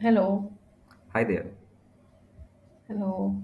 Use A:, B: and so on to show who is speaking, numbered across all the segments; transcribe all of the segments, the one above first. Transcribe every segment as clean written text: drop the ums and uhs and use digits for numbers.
A: Hello,
B: Hi there.
A: hello.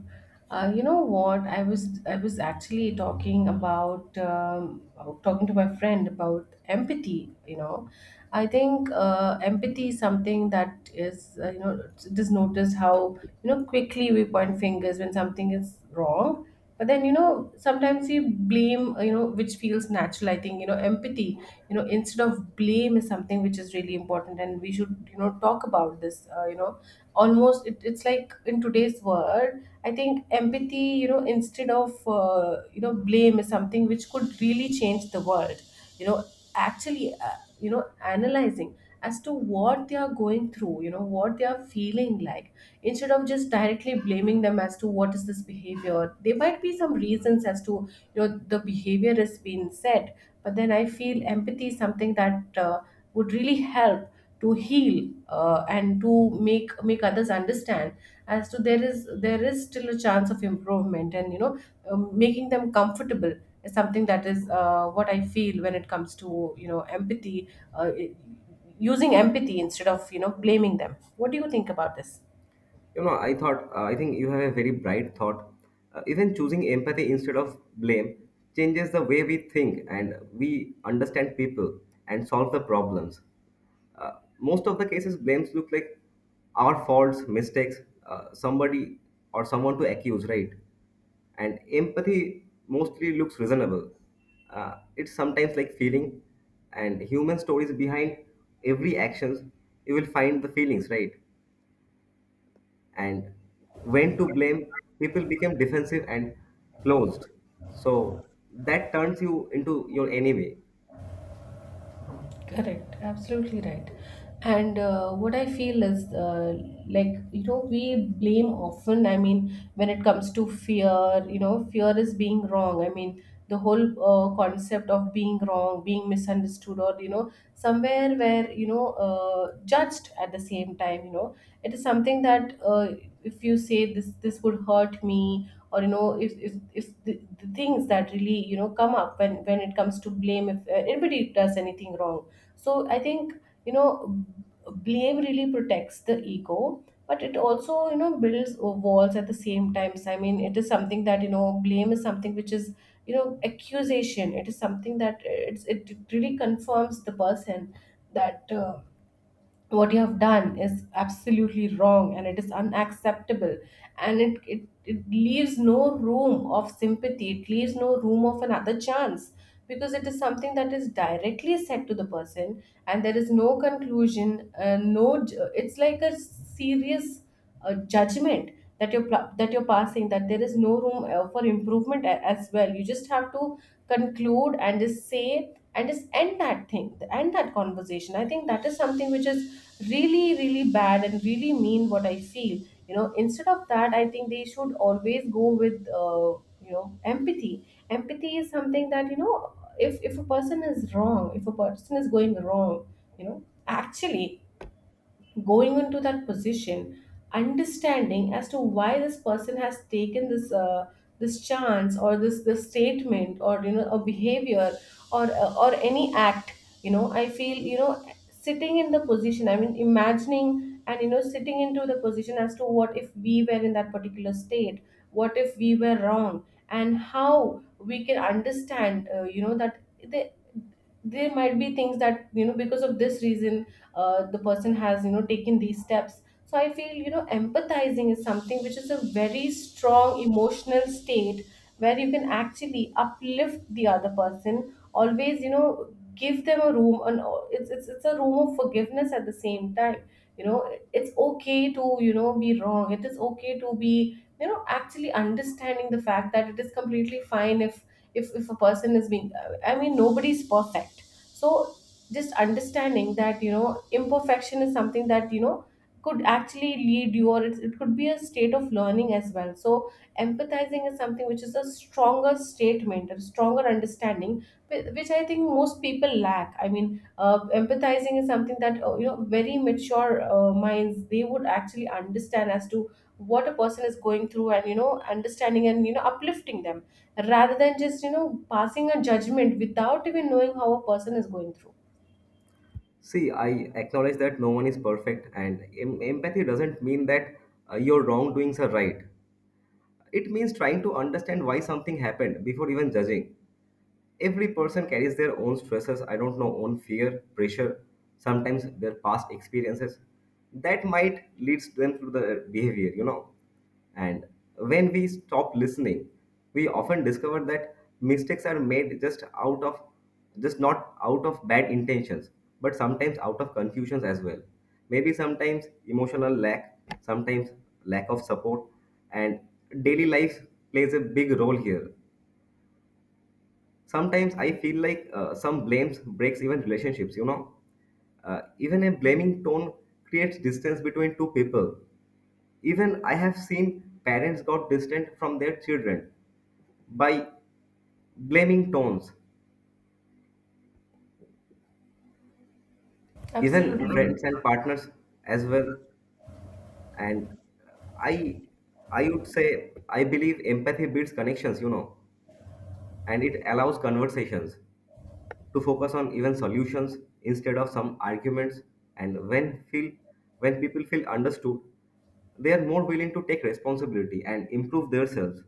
A: You know what? I was actually talking about talking to my friend about empathy. I think empathy is something that is just notice how quickly we point fingers when something is wrong. But then sometimes we blame, which feels natural. I think empathy, instead of blame, is something which is really important, and we should talk about this, almost it's like in today's world. I think empathy, instead of, blame is something which could really change the world, you know actually, analyzing as to what they are going through, what they are feeling like, instead of just directly blaming them as to what is this behavior. There might be some reasons as to the behavior has been said. But then I feel empathy is something that would really help to heal, and to make others understand as to there is still a chance of improvement, and making them comfortable is something that is, what I feel when it comes to, empathy, using empathy instead of, blaming them. What do you think about this?
B: You know, I thought, I think you have a very bright thought. Even choosing empathy instead of blame changes the way we think and we understand people and solve the problems. Uh, Most of the cases, blames look like our faults, mistakes, somebody or someone to accuse, right? And empathy mostly looks reasonable. It's sometimes like feeling, and human stories behind every actions, you will find the feelings, right? And when to blame, people became defensive and closed. So that turns you into your enemy.
A: Correct, absolutely right. And what I feel is, like, you know, we blame often. I mean, when it comes to fear, you know, fear is being wrong. I mean, the whole concept of being wrong, being misunderstood, or, you know, somewhere where, you know, judged at the same time, you know, it is something that, if you say this, this would hurt me. Or you know, if the, the things that really you know come up when it comes to blame, if anybody does anything wrong, so I think, you know blame really protects the ego, but it also, builds walls at the same time. So I mean it is something that, blame is something which is, accusation. It is something that it's it really confirms the person that, what you have done is absolutely wrong, and it is unacceptable, and it leaves no room of sympathy, it leaves no room of another chance, because it is something that is directly said to the person, and there is no conclusion, no j- it's like a serious a judgment that that you're passing, that there is no room for improvement as well. You just have to conclude and just say and just end that thing, end that conversation. I think that is something which is really really bad and really mean, what I feel. You know, instead of that, I think they should always go with, you know empathy. Empathy is something that, if a person is wrong, if a person is going wrong, you know actually going into that position, understanding as to why this person has taken this, this chance or this statement, or you know a behavior or any act. You know, I feel, sitting in the position, I mean imagining and you know sitting into the position as to what if we were in that particular state, what if we were wrong, and how we can understand, that they, there might be things that you know because of this reason, the person has you know taken these steps. So I feel, empathizing is something which is a very strong emotional state where you can actually uplift the other person, always, you know, give them a room, and it's a room of forgiveness at the same time, you know. It's okay to, you know, be wrong. It is okay to be, you know, actually understanding the fact that it is completely fine, if a person is being, I mean nobody's perfect. So just understanding that, you know, imperfection is something that, you know, could actually lead you, or it could be a state of learning as well. So empathizing is something which is a stronger statement, a stronger understanding, which I think most people lack. I mean empathizing is something that, you know, very mature minds, they would actually understand as to what a person is going through, and, you know, understanding and, you know, uplifting them, rather than just, you know, passing a judgment without even knowing how a person is going through.
B: See, I acknowledge that no one is perfect, and empathy doesn't mean that your wrongdoings are right. It means trying to understand why something happened before even judging. Every person carries their own stresses, I don't know, own fear, pressure, sometimes their past experiences that might leads them to the behavior, you know. And when we stop listening, we often discover that mistakes are made just not out of bad intentions, but sometimes out of confusions as well. Maybe sometimes emotional lack, sometimes lack of support, and daily life plays a big role here. Sometimes I feel like some blames breaks even relationships, you know. Even a blaming tone creates distance between two people. Even I have seen parents got distant from their children by blaming tones,
A: Absolutely,
B: even friends and partners as well. And i I would say, I believe empathy builds connections, you know, and it allows conversations to focus on even solutions instead of some arguments. And when people feel understood, they are more willing to take responsibility and improve themselves.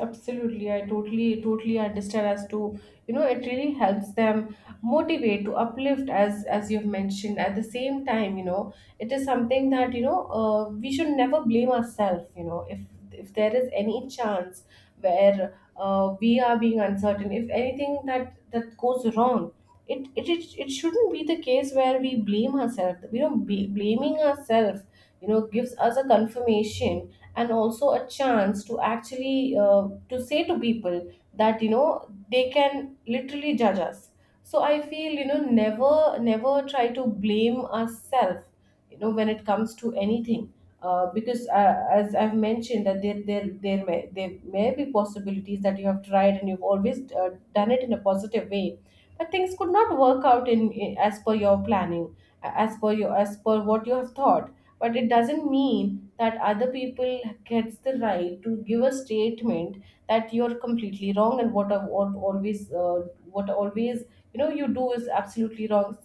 A: absolutely. I totally, totally understand as to, you know, it really helps them motivate to uplift as you've mentioned. At the same time, you know, it is something that, you know, we should never blame ourselves, you know, if there is any chance where we are being uncertain, if anything that goes wrong, it shouldn't be the case where we blame ourselves. You know, blaming ourselves, you know, gives us a confirmation, and also a chance to actually, to say to people that, you know, they can literally judge us. So I feel, you know, never try to blame ourselves, you know, when it comes to anything, because as I've mentioned, that there may there may be possibilities that you have tried and you've always, done it in a positive way, but things could not work out in as per your planning, as per your, as per what you have thought. But it doesn't mean that other people gets the right to give a statement that you're completely wrong, and what always you know you do is absolutely wrong.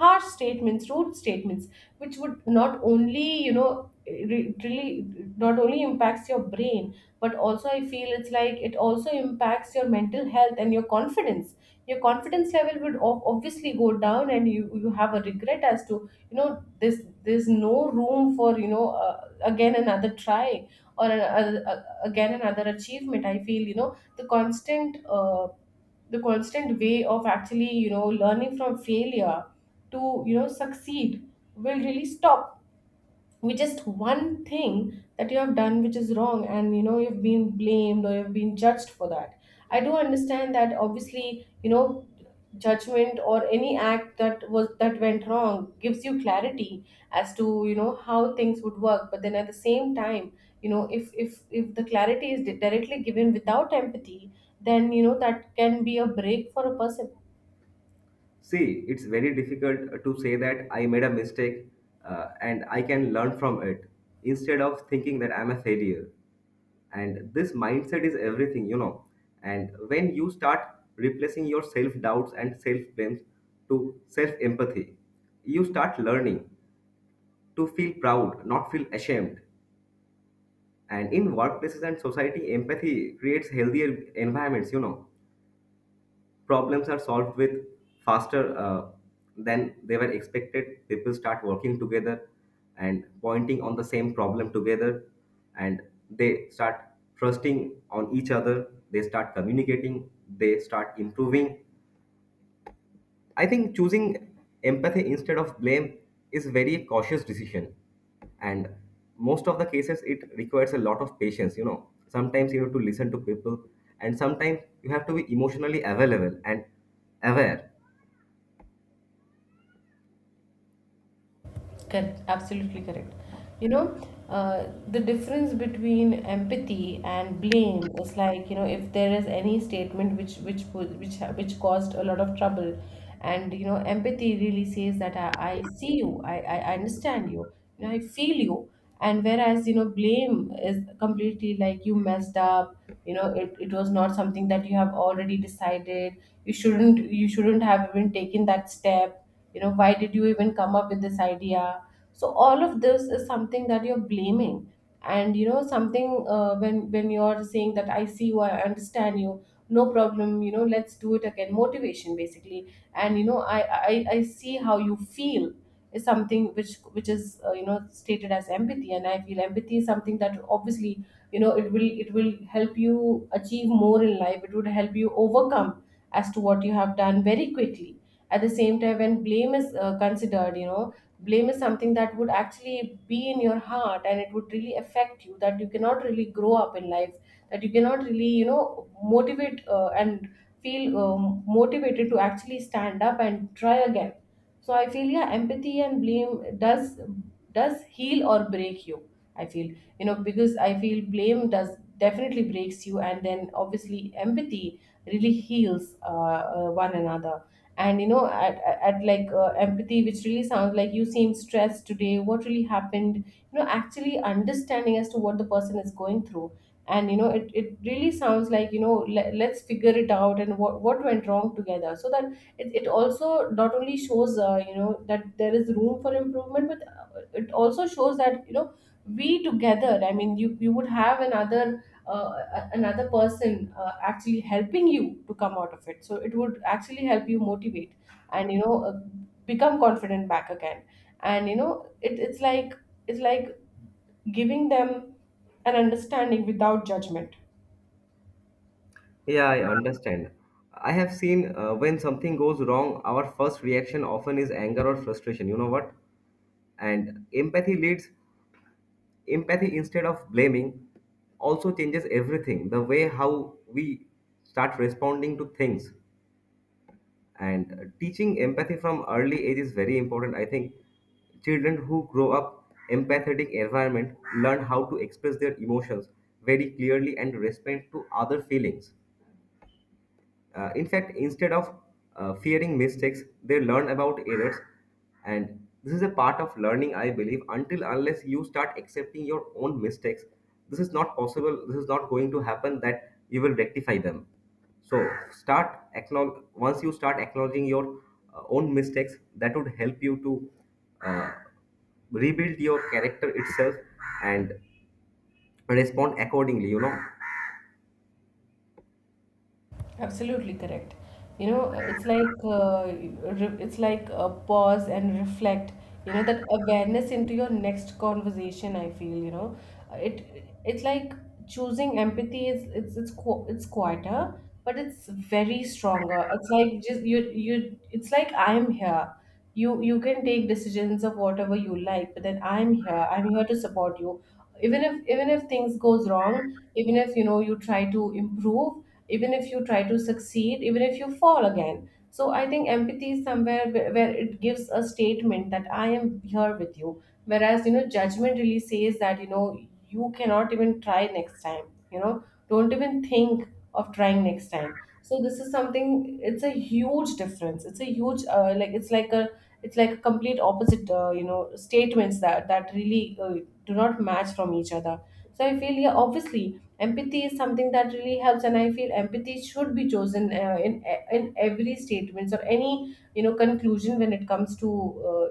A: Harsh statements, rude statements, which would not only, you know, it really not only impacts your brain, but also I feel it's like, it also impacts your mental health and your confidence. Your confidence level would obviously go down, and you have a regret as to, you know, this there's no room for, you know, again another try, or again another achievement. I feel, you know, the constant, the constant way of actually, you know, learning from failure to, you know, succeed will really stop, with just one thing that you have done which is wrong, and you know you've been blamed or you've been judged for that. I do understand that obviously, you know, judgment or any act that was that went wrong gives you clarity as to, you know, how things would work. But then at the same time, you know, if the clarity is directly given without empathy, then you know that can be a break for a person.
B: See, it's very difficult to say that I made a mistake and I can learn from it, instead of thinking that I'm a failure. And this mindset is everything, you know. And when you start replacing your self doubts and self blames to self empathy, you start learning to feel proud, not feel ashamed. And in workplaces and society, empathy creates healthier environments. You know, problems are solved with faster than they were expected. People start working together and pointing on the same problem together, and they start trusting on each other. They start communicating. They start improving. I think choosing empathy instead of blame is very cautious decision. And most of the cases it requires a lot of patience, you know. Sometimes you have to listen to people, and sometimes you have to be emotionally available and aware.
A: Correct, absolutely correct. You know, the difference between empathy and blame is like, you know, if there is any statement which which caused a lot of trouble, and you know, empathy really says that I see you, I understand you, you know, I feel you. And whereas, you know, blame is completely like you messed up, you know, it was not something that you have already decided. You shouldn't have even taken that step. You know, why did you even come up with this idea? So all of this is something that you're blaming. And you know something, when you're saying that I see you, I understand you, no problem, you know, let's do it again, motivation basically. And you know I see how you feel is something which is, you know, stated as empathy. And I feel empathy is something that obviously, you know, it will help you achieve more in life, it would help you overcome as to what you have done very quickly. At the same time, when blame is, considered, you know, blame is something that would actually be in your heart, and it would really affect you, that you cannot really grow up in life, that you cannot really, you know, motivate, and feel motivated to actually stand up and try again. So I feel, yeah, empathy and blame does heal or break you, I feel. You know, because I feel blame does definitely breaks you, and then obviously empathy really heals, one another. And you know at like empathy, which really sounds like you seem stressed today, what really happened? You know, actually understanding as to what the person is going through, and you know it really sounds like, you know, let's figure it out and what went wrong together, so that it also not only shows, you know, that there is room for improvement but it also shows that you know we together. I mean you would have another uh, another person actually helping you to come out of it, so it would actually help you motivate. And you know become confident back again. And you know it's like giving them an understanding without judgment.
B: Yeah, I understand. I have seen when something goes wrong, our first reaction often is anger or frustration. You know what? And empathy instead of blaming also changes everything, the way how we start responding to things. And teaching empathy from early age is very important. I think children who grow up empathetic environment learn how to express their emotions very clearly and respect to other feelings. In fact, instead of fearing mistakes, they learn about errors. And this is a part of learning, I believe, until unless you start accepting your own mistakes. This is not possible. This is not going to happen that you will rectify them. So once you start acknowledging your own mistakes, that would help you to uh, rebuild your character itself and respond accordingly, you know.
A: Absolutely correct. You know, it's like, it's like a pause and reflect. You know, that awareness into your next conversation. I feel Uh, it it's like choosing empathy is, it's quieter, but it's very stronger. It's like just you. It's like I'm here, you can take decisions of whatever you like, but then I'm here to support you. Even if things goes wrong, even if you know you try to improve, even if you try to succeed, even if you fall again. So I think empathy is somewhere where it gives a statement that I am here with you, whereas you know judgment really says that you know you cannot even try next time. You know, don't even think of trying next time. So this is something. It's a huge difference. It's a huge, like it's like a, complete opposite, you know, statements that really, do not match from each other. So I feel, yeah, obviously empathy is something that really helps, and I feel empathy should be chosen, in every statements or any you know conclusion when it comes to, uh,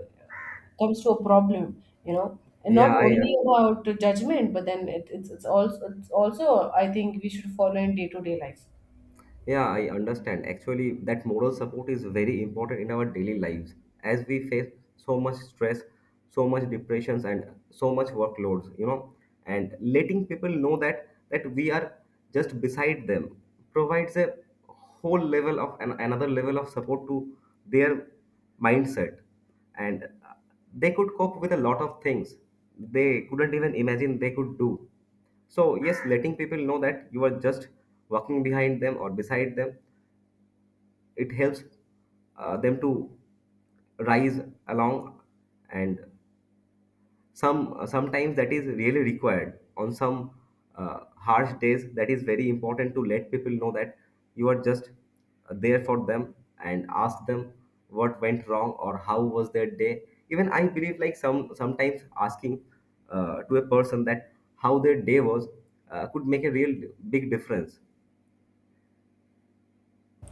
A: a problem, you know. And not
B: Yeah, I
A: only about judgment, but then it's also I think we should follow in day to day life.
B: Yeah, I understand. Actually, that moral support is very important in our daily lives as we face so much stress, so much depressions, and so much workloads, you know. And letting people know that we are just beside them provides a whole level of an, another level of support to their mindset, and they could cope with a lot of things they couldn't even imagine they could do. So, yes, letting people know that you are just walking behind them or beside them, it helps them to rise along. And sometimes that is really required on some harsh days. That is very important to let people know that you are just there for them, and ask them what went wrong or how was their day. Even I believe like sometimes asking to a person that how their day was could make a real big difference.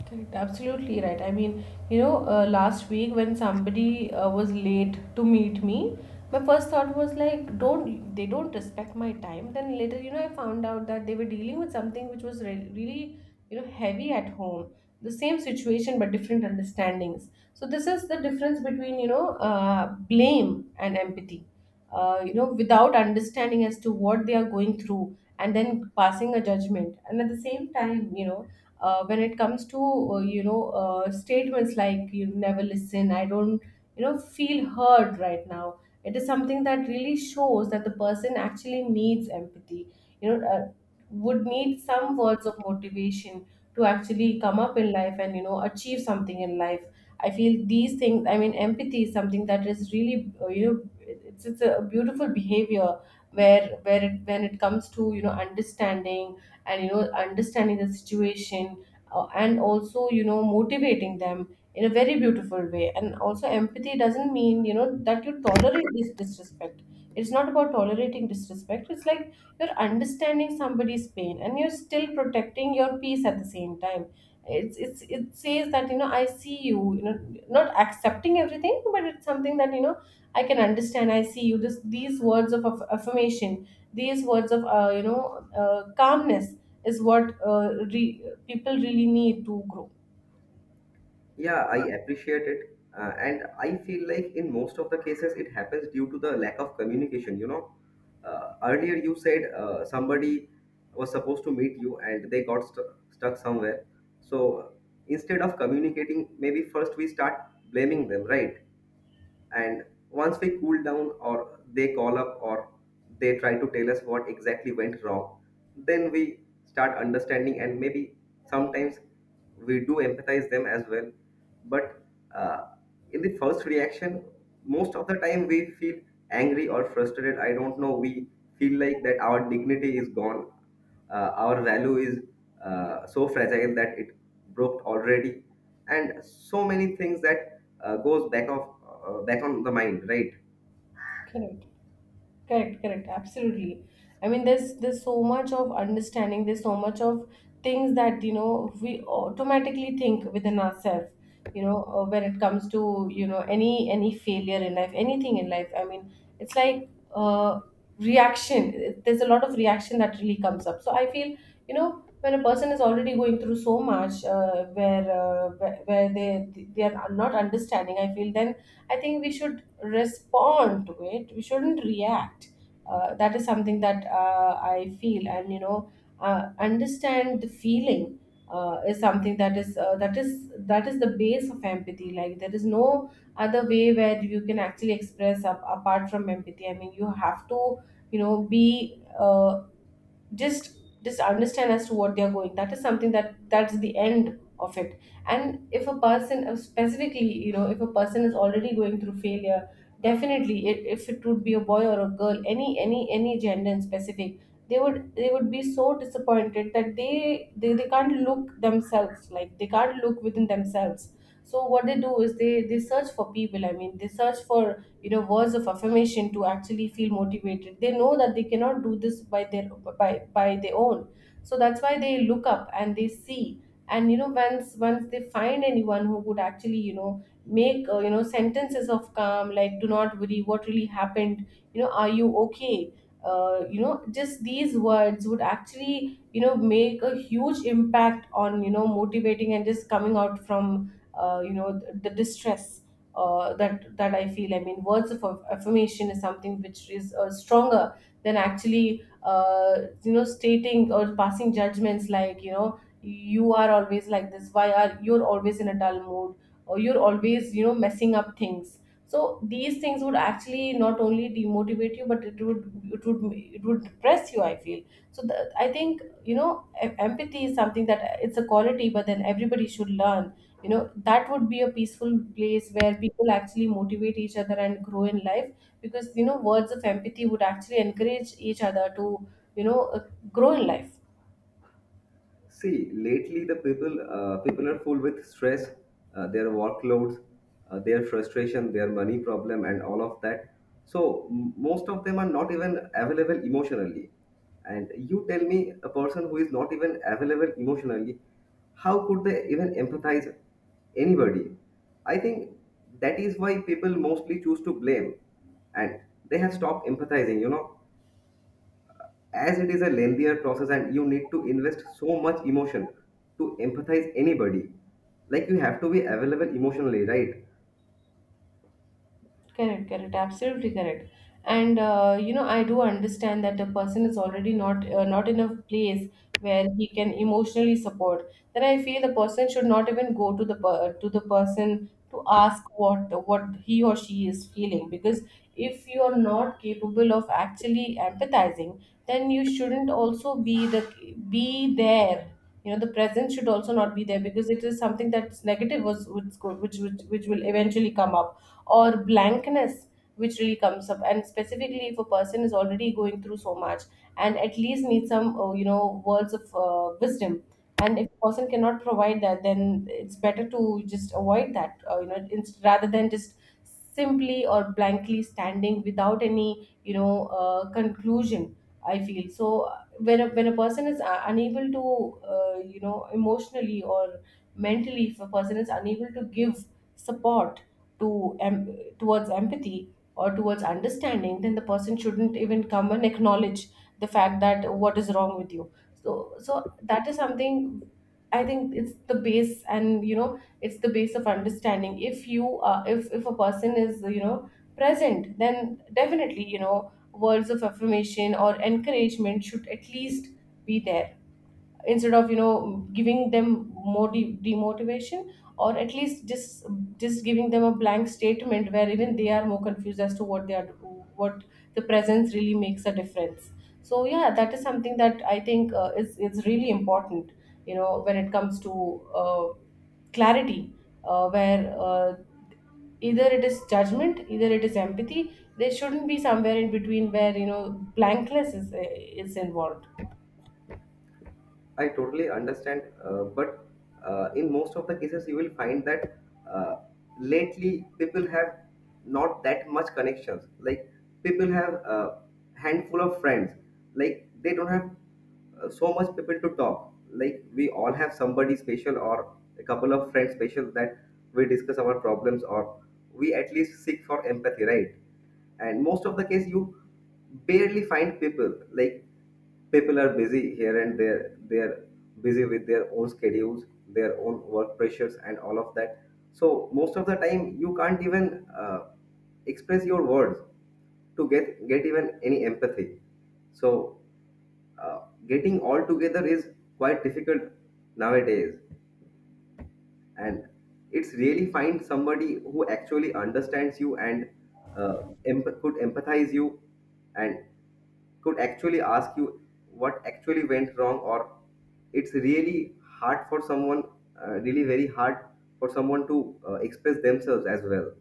A: Correct, absolutely right. I mean, you know, last week when somebody was late to meet me, my first thought was like, don't they don't respect my time. Then later, you know, I found out that they were dealing with something which was really, you know, heavy at home. The same situation but different understandings. So this is the difference between, blame and empathy. You know, without understanding as to what they are going through, and then passing a judgment. And at the same time, you know, when it comes to, statements like, you never listen, I don't feel heard right now. It is something that really shows that the person actually needs empathy. You know uh, would need some words of motivation to actually come up in life, and you know achieve something in life. I feel these things. I mean empathy is something that is really, you know, it's a beautiful behavior where, when it comes to you know understanding, and you know understanding the situation, and also you know motivating them in a very beautiful way. And also empathy doesn't mean you know that you tolerate this disrespect. It's not about tolerating disrespect. It's like you're understanding somebody's pain, and you're still protecting your peace at the same time. It says that you know I see you, you know, not accepting everything, but it's something that you know I can understand. I see you. These words of affirmation, these words of, you know, calmness is what, people really need to grow.
B: Yeah, I appreciate it. And I feel like in most of the cases, it happens due to the lack of communication. You know, earlier you said somebody was supposed to meet you, and they got stuck somewhere. So instead of communicating, maybe first we start blaming them, right? And once we cool down, or they call up, or they try to tell us what exactly went wrong, then we start understanding, and maybe sometimes we do empathize them as well. But uh, in the first reaction, most of the time we feel angry or frustrated, I don't know, we feel like that our dignity is gone, our value is so fragile that it broke already, and so many things that goes back on the mind, right?
A: Okay. Right. Correct, correct, absolutely. I mean, there's so much of understanding. There's so much of things that you know we automatically think within ourselves. You know, when it comes to you know any failure in life, anything in life. I mean, it's like, uh, reaction. There's a lot of reaction that really comes up. So I feel you know when a person is already going through so much, where they are not understanding. I feel then I think we should respond to it, we shouldn't react. That is something that, I feel, and you know, understand the feeling, is something that is, that is the base of empathy. Like there is no other way where you can actually express up, apart from empathy. I mean you have to you know be, just understand as to what they are going. That is something that's the end of it. And if a person, specifically you know, if a person is already going through failure, definitely, if it would be a boy or a girl, any gender in specific, they would be so disappointed that they can't look themselves, like they can't look within themselves. So what they do is, they search for people. I mean they search for you know words of affirmation to actually feel motivated. They know that they cannot do this by their, by their own. So that's why they look up and they see. And you know once they find anyone who would actually you know make, sentences of calm like, do not worry, what really happened, you know, are you okay. You know just these words would actually you know make a huge impact on you know motivating and just coming out from, you know, the distress, that I feel. I mean, words of affirmation is something which is, stronger than actually, you know, stating or passing judgments like, you know, you are always like this. Why are you're always in a dull mood, or you're always you know messing up things. So these things would actually not only demotivate you, but it would depress you. I feel so. I think you know empathy is something that it's a quality, but then everybody should learn, you know, that would be a peaceful place where people actually motivate each other and grow in life, because you know words of empathy would actually encourage each other to, you know, grow in life.
B: See, lately the people people are full with stress, their workloads, their frustration, their money problem, and all of that. So most of them are not even available emotionally. And you tell me a person who is not even available emotionally, how could they even empathize anybody? I think that is why people mostly choose to blame, and they have stopped empathizing. You know, as it is a lengthier process, and you need to invest so much emotion to empathize anybody. Like, you have to be available emotionally, right?
A: Correct, correct, absolutely correct. And, you know, I do understand that the person is already not in a place where he can emotionally support. Then I feel the person should not even go to to the person to ask what he or she is feeling, because if you are not capable of actually empathizing, then you shouldn't also be there. You know, the presence should also not be there, because it is something that's negative was which will eventually come up, or blankness, which really comes up. And specifically if a person is already going through so much, and at least needs some, you know, words of, wisdom, and if a person cannot provide that, then it's better to just avoid that, you know, rather than just simply or blankly standing without any you know, conclusion. I feel so. When when a person is, unable to, you know, emotionally or mentally, if a person is unable to give support to, towards empathy or towards understanding, then the person shouldn't even come and acknowledge the fact that what is wrong with you. So so that is something. I think it's the base, and you know it's the base of understanding. If a person is you know present, then definitely you know words of affirmation or encouragement should at least be there, instead of you know giving them more demotivation, or at least just giving them a blank statement where even they are more confused as to what they are, what the presence really makes a difference. So yeah, that is something that I think, is really important, you know, when it comes to, clarity, where, either it is judgment, either it is empathy. There shouldn't be somewhere in between where you know blankness is involved.
B: I totally understand, but in most of the cases, you will find that uh, lately people have not that much connections. Like, people have a handful of friends. Like, they don't have so much people to talk. Like, we all have somebody special, or a couple of friends special, that we discuss our problems, or we at least seek for empathy, right? And most of the case you barely find people. Like, people are busy here and there, they're busy with their own schedules, their own work pressures, and all of that. So most of the time you can't even express your words to get even any empathy. So uh, getting all together is quite difficult nowadays. And it's really find somebody who actually understands you and could empathize you, and could actually ask you what actually went wrong. Or it's really hard for someone, really very hard for someone, to express themselves as well.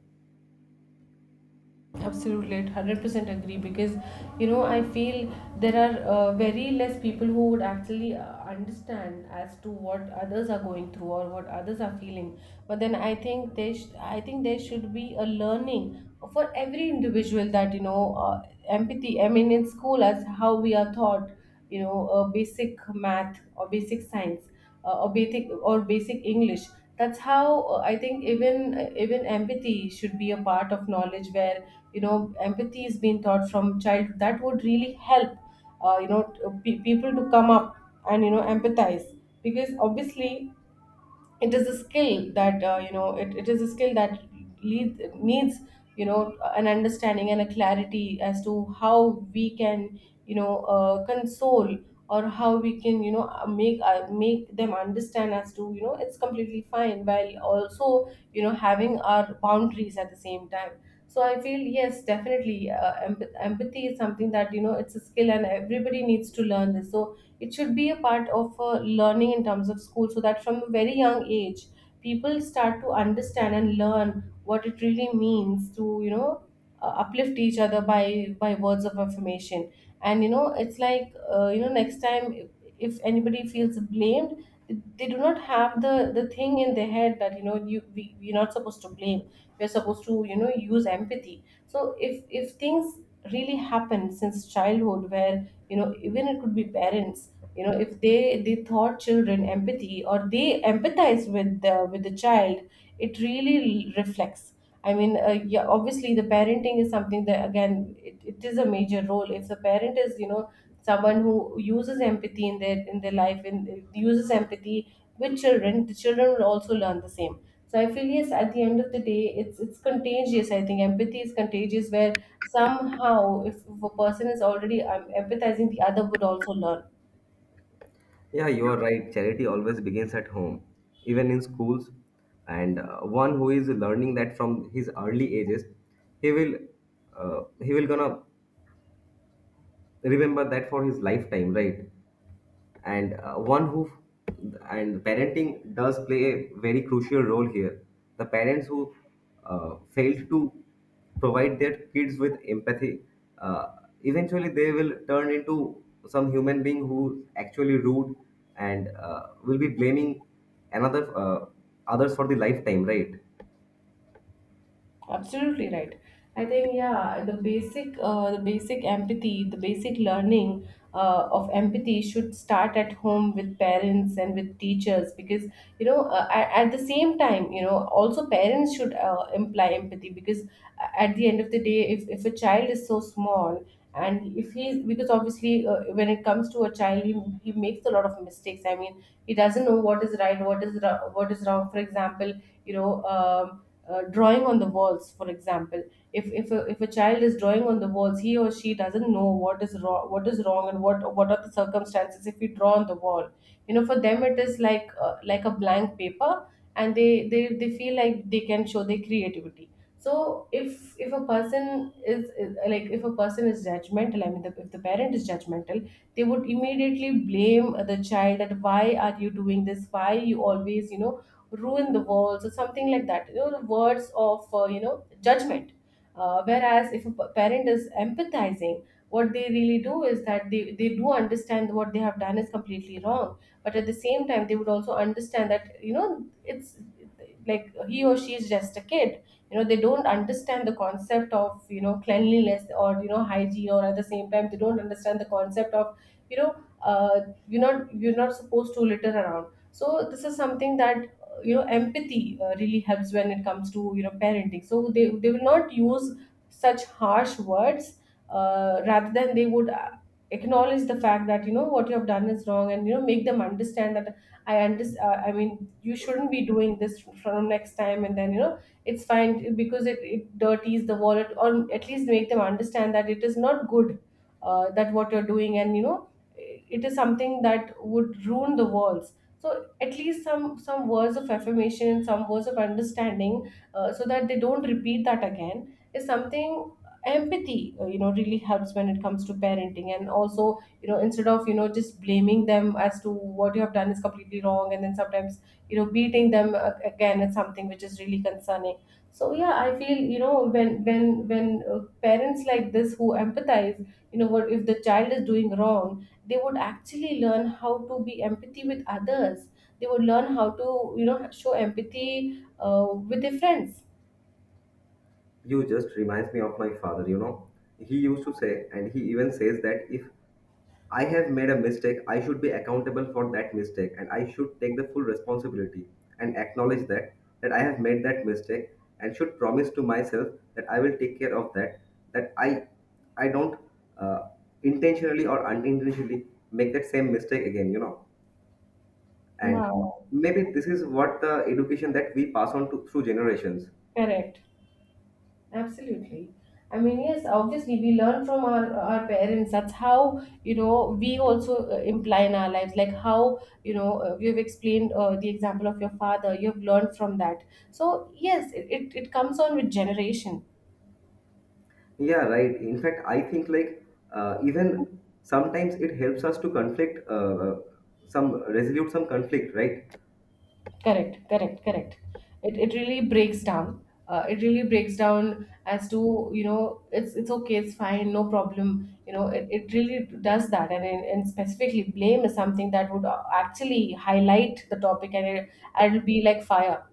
A: Absolutely, 100% agree, because you know I feel there are, very less people who would actually, understand as to what others are going through or what others are feeling. But then I think there should be a learning for every individual that you know, empathy. I mean, in school as how we are taught basic math or basic science, or basic english. That's how, I think even, even empathy should be a part of knowledge where, you know, empathy is being taught from childhood. That would really help, people to come up and, you know, empathize, because obviously it is a skill that, you know, it is a skill that needs, you know, an understanding and a clarity as to how we can, console, or how we can, make, make them understand as to, you know, it's completely fine, while also, you know, having our boundaries at the same time. So I feel, yes, definitely, empathy is something that, you know, it's a skill and everybody needs to learn this. So it should be a part of, learning in terms of school, so that from a very young age people start to understand and learn what it really means to, uplift each other by words of affirmation. And, you know, it's like, next time, if anybody feels blamed, they do not have the thing in their head that, you know you we're not supposed to blame. We're supposed to, you know, use empathy. So if things really happen since childhood where, you know, even it could be parents. You know, if they, they taught children empathy, or they empathize with the child, it really reflects. I mean, yeah, obviously the parenting is something that again, it is a major role. If the parent is, you know, someone who uses empathy in their life, and uses empathy with children, the children will also learn the same. So I feel, yes, at the end of the day, it's contagious. I think empathy is contagious where, somehow, if a person is already empathizing, the other would also learn.
B: Yeah, you are right, charity always begins at home, even in schools. And one who is learning that from his early ages, he will, he will gonna remember that for his lifetime, right? And one who and parenting does play a very crucial role here. The parents who failed to provide their kids with empathy, uh, eventually they will turn into some human being who's actually rude and will be blaming another others for the lifetime, right?
A: Absolutely right. I think, yeah, the basic, the basic empathy, the basic learning, of empathy should start at home, with parents and with teachers. Because, at the same time, you know, also parents should, imply empathy. Because, at the end of the day, if a child is so small, and if he's, because obviously, when it comes to a child, he makes a lot of mistakes. I mean, he doesn't know what is right, what is wrong. For example, you know um, drawing on the walls, for example. If a child is drawing on the walls, he or she doesn't know what is wrong, what is wrong and what are the circumstances if we draw on the wall. You know, for them it is like, like a blank paper, and they feel like they can show their creativity. So if a person is judgmental. I mean, if the parent is judgmental, they would immediately blame the child, that why are you doing this, why you always, you know, ruin the world or something like that. You know, the words of, you know, judgment. Whereas if a parent is empathizing, what they really do is that they do understand what they have done is completely wrong, but at the same time they would also understand that, you know, it's like he or she is just a kid. You know, they don't understand the concept of, you know, cleanliness, or, you know, hygiene. Or at the same time, they don't understand the concept of, you know uh, you're not, you're not supposed to litter around. So this is something that, you know, empathy, really helps when it comes to, you know, parenting. So they will not use such harsh words, rather than they would, acknowledge the fact that, you know, what you have done is wrong, and, you know, make them understand that, I understand, I mean, you shouldn't be doing this from next time, and then, you know, it's fine, because, it dirties the wallet, or at least make them understand that it is not good, that what you're doing. And, you know, it is something that would ruin the walls. So at least some words of affirmation, some words of understanding, so that they don't repeat that again, is something empathy, you know, really helps when it comes to parenting. And also, you know, instead of, you know, just blaming them as to what you have done is completely wrong, and then sometimes, you know, beating them, again, is something which is really concerning. So yeah, I feel, you know, when parents like this who empathize, you know, what if the child is doing wrong, they would actually learn how to be empathy with others. They would learn how to, you know, show empathy, with their friends.
B: You just reminds me of my father, you know. He used to say, and he even says, that if I have made a mistake, I should be accountable for that mistake, and I should take the full responsibility and acknowledge that, that I have made that mistake, and should promise to myself that I will take care of that, that I don't uh, intentionally or unintentionally make that same mistake again, you know. And
A: Wow.
B: maybe this is what the education that we pass on to through generations.
A: Correct. Absolutely. I mean, yes, obviously we learn from our parents. That's how, you know, we also, imply in our lives, like how, you know, you've explained, the example of your father, you've learned from that. So, yes, it comes on with generation.
B: Yeah, right. In fact, I think like even sometimes it helps us to conflict some conflict, right?
A: Correct, correct, correct. It really breaks down. It really breaks down as to, you know, it's okay, it's fine, no problem. You know, it really does that. And specifically, blame is something that would, actually highlight the topic, and it'll be like fire.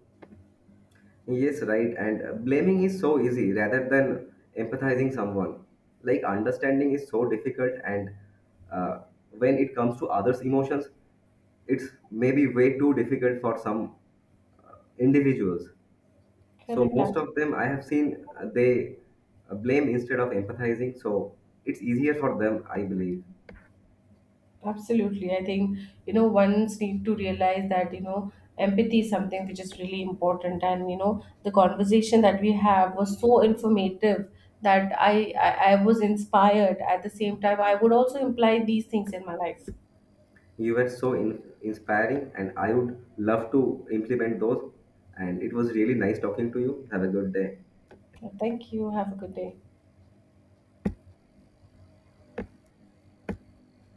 B: Yes, right. And blaming is so easy rather than empathizing someone. Like, understanding is so difficult, and uh, when it comes to others' emotions, it's maybe way too difficult for some individuals. So
A: Correct,
B: most
A: absolutely.
B: of them I have seen, they blame instead of empathizing. So it's easier for them, I believe.
A: Absolutely. I think, you know, one's need to realize that, you know, empathy is something which is really important. And, you know, the conversation that we have was so informative that I was inspired. At the same time, I would also imply these things in my life.
B: You were so inspiring, and I would love to implement those. And it was really nice talking to you. Have a good day.
A: Thank you. Have a good day.